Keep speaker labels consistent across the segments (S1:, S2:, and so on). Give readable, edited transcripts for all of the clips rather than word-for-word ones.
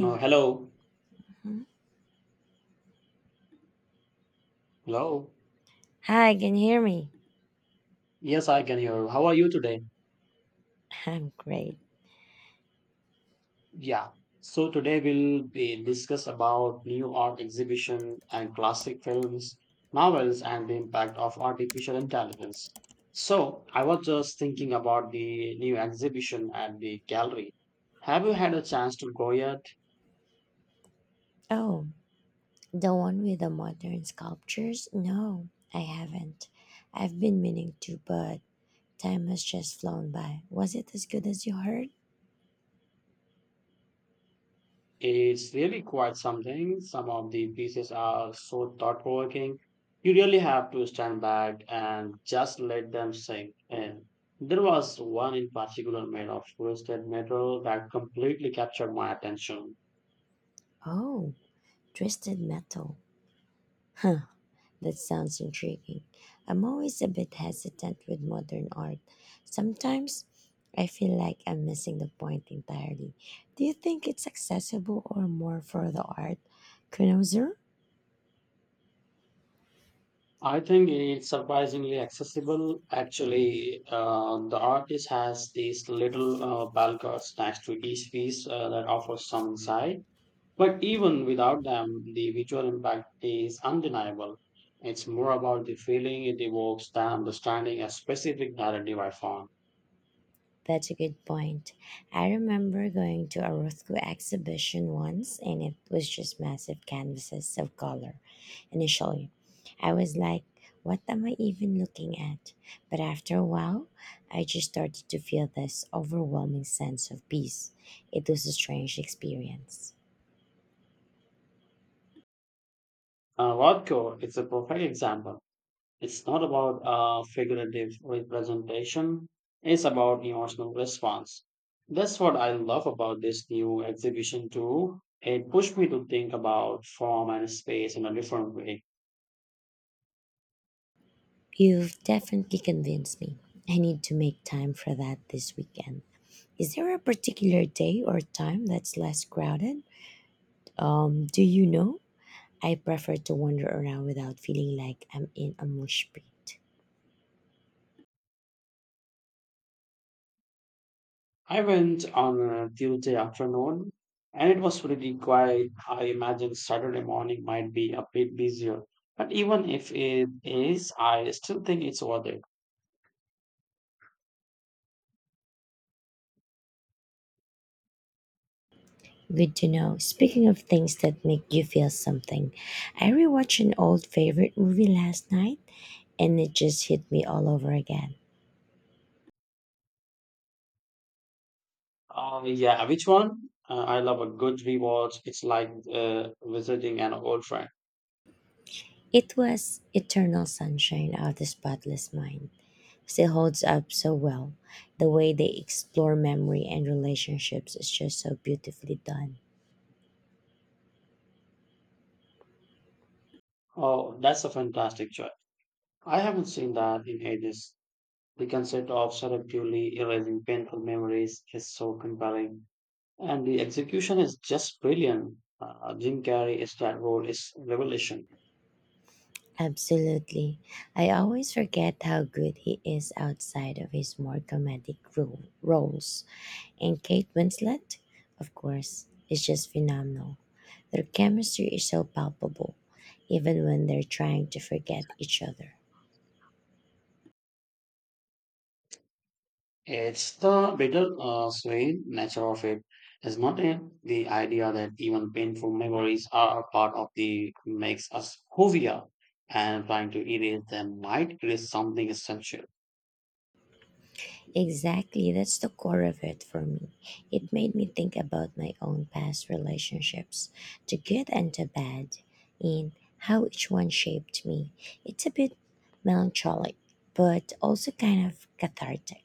S1: Uh, hello.
S2: Mhm.
S1: Hello.
S2: Hi, can you hear me?
S1: Yes, I can hear you. How are you today?
S2: I'm great.
S1: Yeah. So today we'll be discuss about new art exhibition and classic films, novels, and the impact of artificial intelligence. So I was just thinking about the new exhibition at the gallery. Have you had a chance to go yet?
S2: Oh, the one with the modern sculptures? No, I haven't. I've been meaning to, but time has just flown by. Was it as good as you heard?
S1: It's really quite something. Some of the pieces are so thought provoking. You really have to stand back and just let them sink in. There was one in particular made of twisted metal that completely captured my attention.
S2: Oh, Twisted Metal. Huh, that sounds intriguing. I'm always a bit hesitant with modern art. Sometimes I feel like I'm missing the point entirely. Do you think it's accessible or more for the art connoisseur?
S1: I think it's surprisingly accessible. Actually, the artist has these little balconies next to each piece that offers some insight. But even without them, the visual impact is undeniable. It's more about the feeling it evokes than understanding a specific narrative I found.
S2: That's a good point. I remember going to a Rothko exhibition once and it was just massive canvases of color. Initially, I was like, what am I even looking at? But after a while, I just started to feel this overwhelming sense of peace. It was a strange experience.
S1: Rothko is a perfect example. It's not about figurative representation, it's about emotional response. That's what I love about this new exhibition, too. It pushed me to think about form and space in a different way.
S2: You've definitely convinced me. I need to make time for that this weekend. Is there a particular day or time that's less crowded? Do you know? I prefer to wander around without feeling like I'm in a mosh pit.
S1: I went on a Tuesday afternoon and it was pretty quiet. I imagine Saturday morning might be a bit busier. But even if it is, I still think it's worth it.
S2: Good to know. Speaking of things that make you feel something, I rewatched an old favorite movie last night and it just hit me all over again.
S1: Yeah, which one? I love a good rewatch. It's like visiting an old friend.
S2: It was Eternal Sunshine of the Spotless Mind. Still holds up so well. The way they explore memory and relationships is just so beautifully done.
S1: Oh, that's a fantastic choice. I haven't seen that in ages. The concept of selectively erasing painful memories is so compelling. And the execution is just brilliant. Jim Carrey's that role is revelation.
S2: Absolutely. I always forget how good he is outside of his more comedic roles. And Kate Winslet, of course, is just phenomenal. Their chemistry is so palpable, even when they're trying to forget each other.
S1: It's the bitter sweet nature of it, isn't it? The idea that even painful memories are a part of the makes us who we are, and trying to erase them might erase something essential.
S2: Exactly, that's the core of it for me. It made me think about my own past relationships, the good and the bad, and how each one shaped me. It's a bit melancholic, but also kind of cathartic.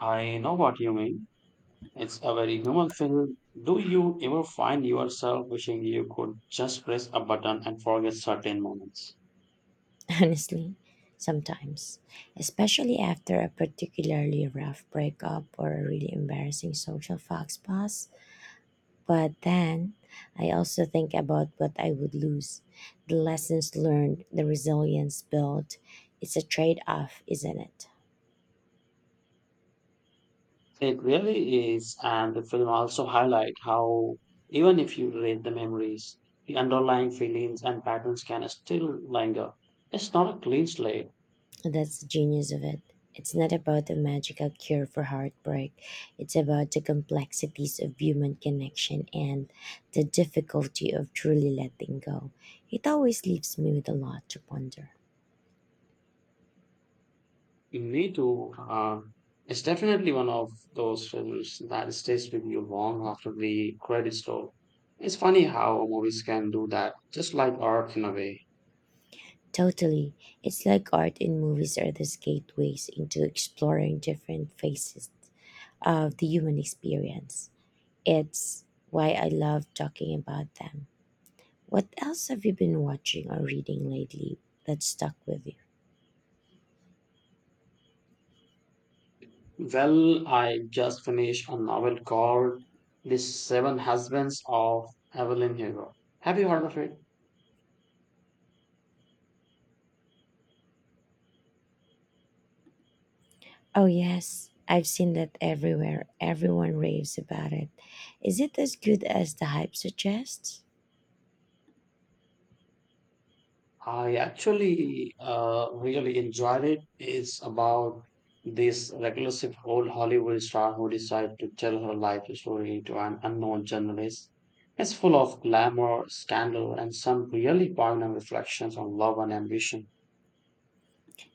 S1: I know what you mean. It's a very human feeling. Do you ever find yourself wishing you could just press a button and forget certain moments?
S2: Honestly, sometimes, especially after a particularly rough breakup or a really embarrassing social faux pas. But then I also think about what I would lose, the lessons learned, the resilience built. It's a trade off, isn't it?
S1: It really is, and the film also highlight how even if you read the memories, the underlying feelings and patterns can still linger. It's not a clean slate.
S2: And that's the genius of it. It's not about a magical cure for heartbreak. It's about the complexities of human connection and the difficulty of truly letting go. It always leaves me with a lot to ponder.
S1: You need to. It's definitely one of those films that stays with you long after the credits roll. It's funny how movies can do that, just like art in a way.
S2: Totally. It's like art and movies are these gateways into exploring different faces of the human experience. It's why I love talking about them. What else have you been watching or reading lately that stuck with you?
S1: Well, I just finished a novel called The Seven Husbands of Evelyn Hugo. Have you heard of it?
S2: Oh, yes, I've seen that everywhere. Everyone raves about it. Is it as good as the hype suggests?
S1: I actually really enjoyed it. It's about this reclusive old Hollywood star who decides to tell her life story to an unknown journalist. It's full of glamour, scandal, and some really poignant reflections on love and ambition.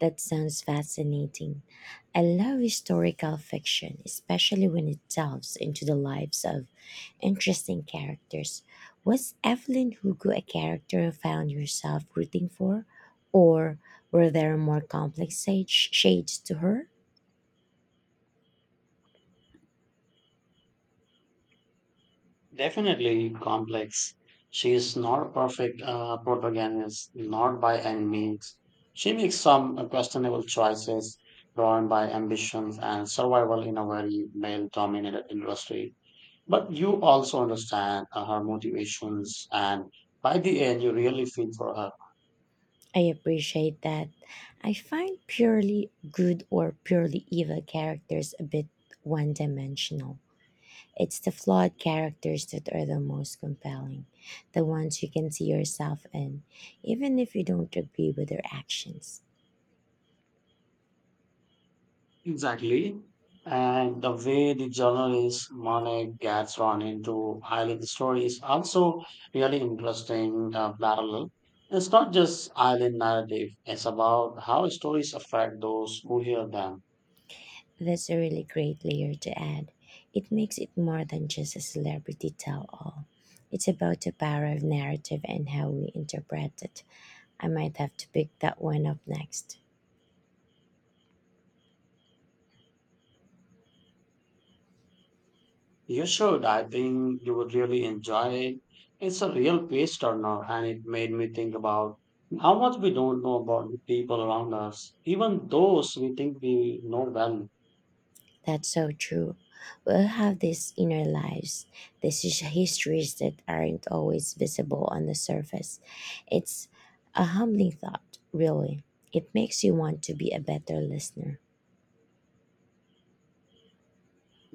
S2: That sounds fascinating. I love historical fiction, especially when it delves into the lives of interesting characters. Was Evelyn Hugo a character you found yourself rooting for, or were there more complex shades to her?
S1: Definitely complex. She is not a perfect protagonist, not by any means. She makes some questionable choices drawn by ambitions and survival in a very male dominated industry. But you also understand her motivations, and by the end, you really feel for her.
S2: I appreciate that. I find purely good or purely evil characters a bit one dimensional. It's the flawed characters that are the most compelling, the ones you can see yourself in, even if you don't agree with their actions.
S1: Exactly. And the way the journalist Monet gets drawn into island story is also really interesting parallel. It's not just island narrative, it's about how stories affect those who hear them.
S2: That's a really great layer to add. It makes it more than just a celebrity tell all. It's about the power of narrative and how we interpret it. I might have to pick that one up next.
S1: You should, I think you would really enjoy it. It's a real page turner and it made me think about how much we don't know about the people around us, even those we think we know well.
S2: That's so true. We all have these inner lives, these histories that aren't always visible on the surface. It's a humbling thought, really. It makes you want to be a better listener.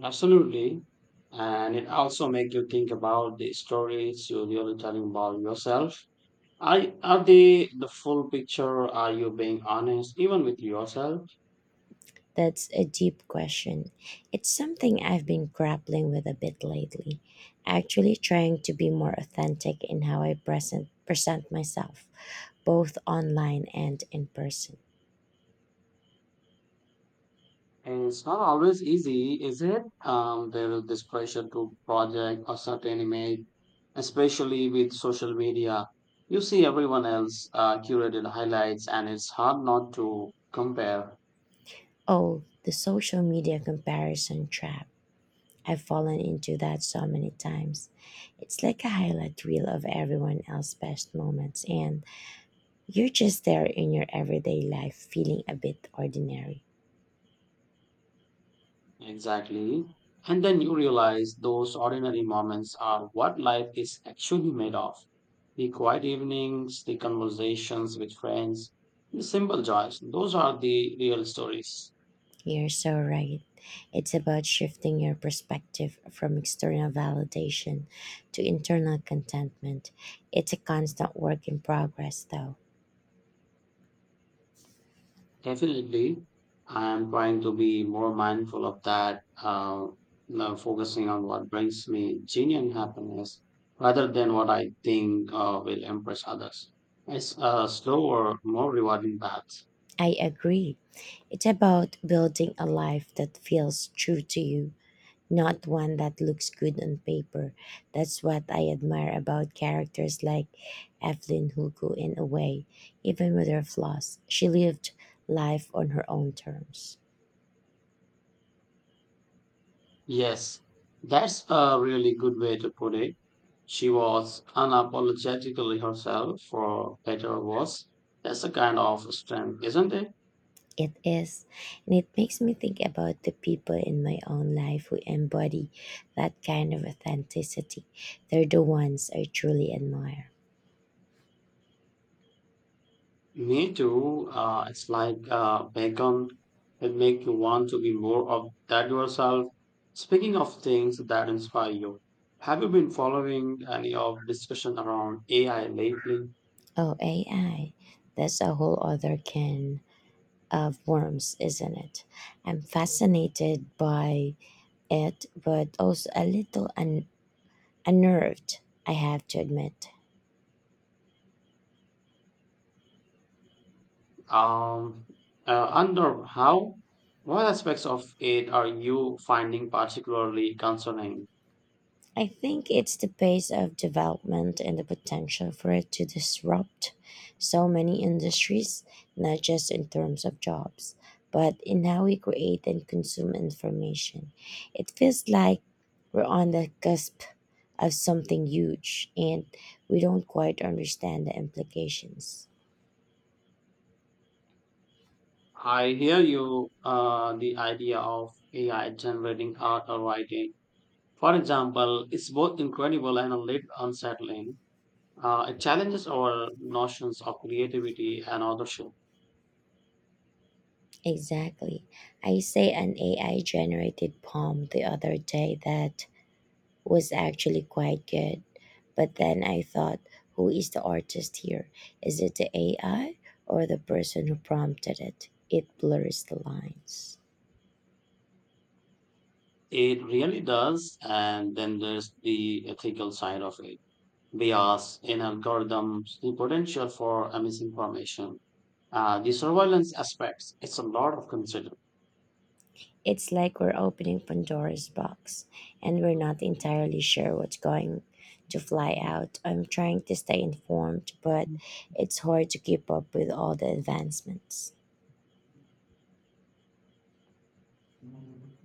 S1: Absolutely. And it also makes you think about the stories you're really telling about yourself. Are they the full picture? Are you being honest even with yourself?
S2: That's a deep question. It's something I've been grappling with a bit lately, actually trying to be more authentic in how I present myself, both online and in person.
S1: And it's not always easy, is it? There is this pressure to project a certain image, especially with social media. You see everyone else curated highlights and it's hard not to compare.
S2: Oh, the social media comparison trap. I've fallen into that so many times. It's like a highlight reel of everyone else's best moments, and you're just there in your everyday life feeling a bit ordinary.
S1: Exactly. And then you realize those ordinary moments are what life is actually made of. The quiet evenings, the conversations with friends, the simple joys, those are the real stories.
S2: You're so right. It's about shifting your perspective from external validation to internal contentment. It's a constant work in progress, though.
S1: Definitely, I am trying to be more mindful of that, now focusing on what brings me genuine happiness rather than what I think will impress others. It's a slower, more rewarding path.
S2: I agree. It's about building a life that feels true to you, not one that looks good on paper. That's what I admire about characters like Evelyn Hugo in a way. Even with her flaws, she lived life on her own terms.
S1: Yes, that's a really good way to put it. She was unapologetically herself, for better or worse. That's a kind of strength, isn't it?
S2: It is, and it makes me think about the people in my own life who embody that kind of authenticity. They're the ones I truly admire.
S1: Me too. It's like bacon. It makes you want to be more of that yourself. Speaking of things that inspire you, have you been following any of the discussion around AI lately?
S2: Oh, AI, that's a whole other can of worms, isn't it? I'm fascinated by it, but also a little unnerved, I have to admit.
S1: Um, Under how, what aspects of it are you finding particularly concerning?
S2: I think it's the pace of development and the potential for it to disrupt so many industries, not just in terms of jobs, but in how we create and consume information. It feels like we're on the cusp of something huge and we don't quite understand the implications.
S1: I hear you, the idea of AI generating art or writing. For example, is both incredible and a little unsettling. It challenges our notions of creativity and authorship.
S2: Exactly. I say an AI generated poem the other day that was actually quite good. But then I thought, who is the artist here? Is it the AI or the person who prompted it? It blurs the lines.
S1: It really does. And then there's the ethical side of it. Bias in algorithms, the potential for misinformation, the surveillance aspects. It's a lot of consider.
S2: It's like we're opening Pandora's box and we're not entirely sure what's going to fly out. I'm trying to stay informed, but it's hard to keep up with all the advancements.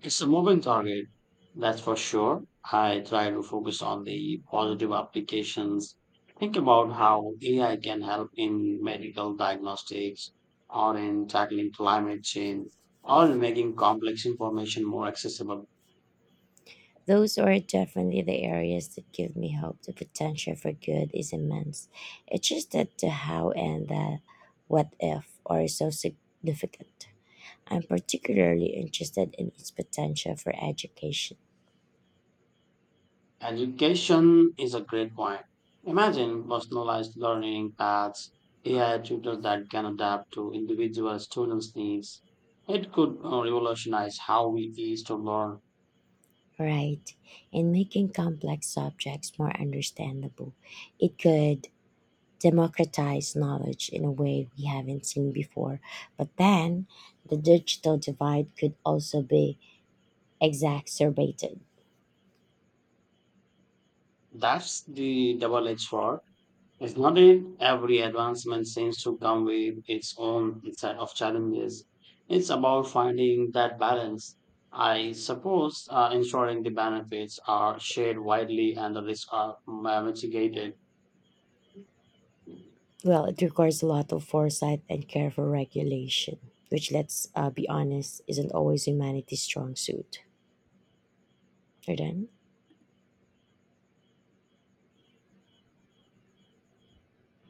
S1: It's a moving target, that's for sure. I try to focus on the positive applications. Think about how AI can help in medical diagnostics or in tackling climate change or in making complex information more accessible.
S2: Those are definitely the areas that give me hope. The potential for good is immense. It's just that the how and the what if are so significant. I'm particularly interested in its potential for education.
S1: Education is a great point. Imagine personalized learning paths, AI tutors that can adapt to individual students' needs. It could revolutionize how we used to learn.
S2: Right. In making complex subjects more understandable, it could democratize knowledge in a way we haven't seen before. But then, the digital divide could also be exacerbated.
S1: That's the double edged sword, isn't it? Every advancement seems to come with its own set of challenges. It's about finding that balance. I suppose ensuring the benefits are shared widely and the risks are mitigated.
S2: Well, it requires a lot of foresight and careful regulation, which, let's be honest, isn't always humanity's strong suit. Jordan?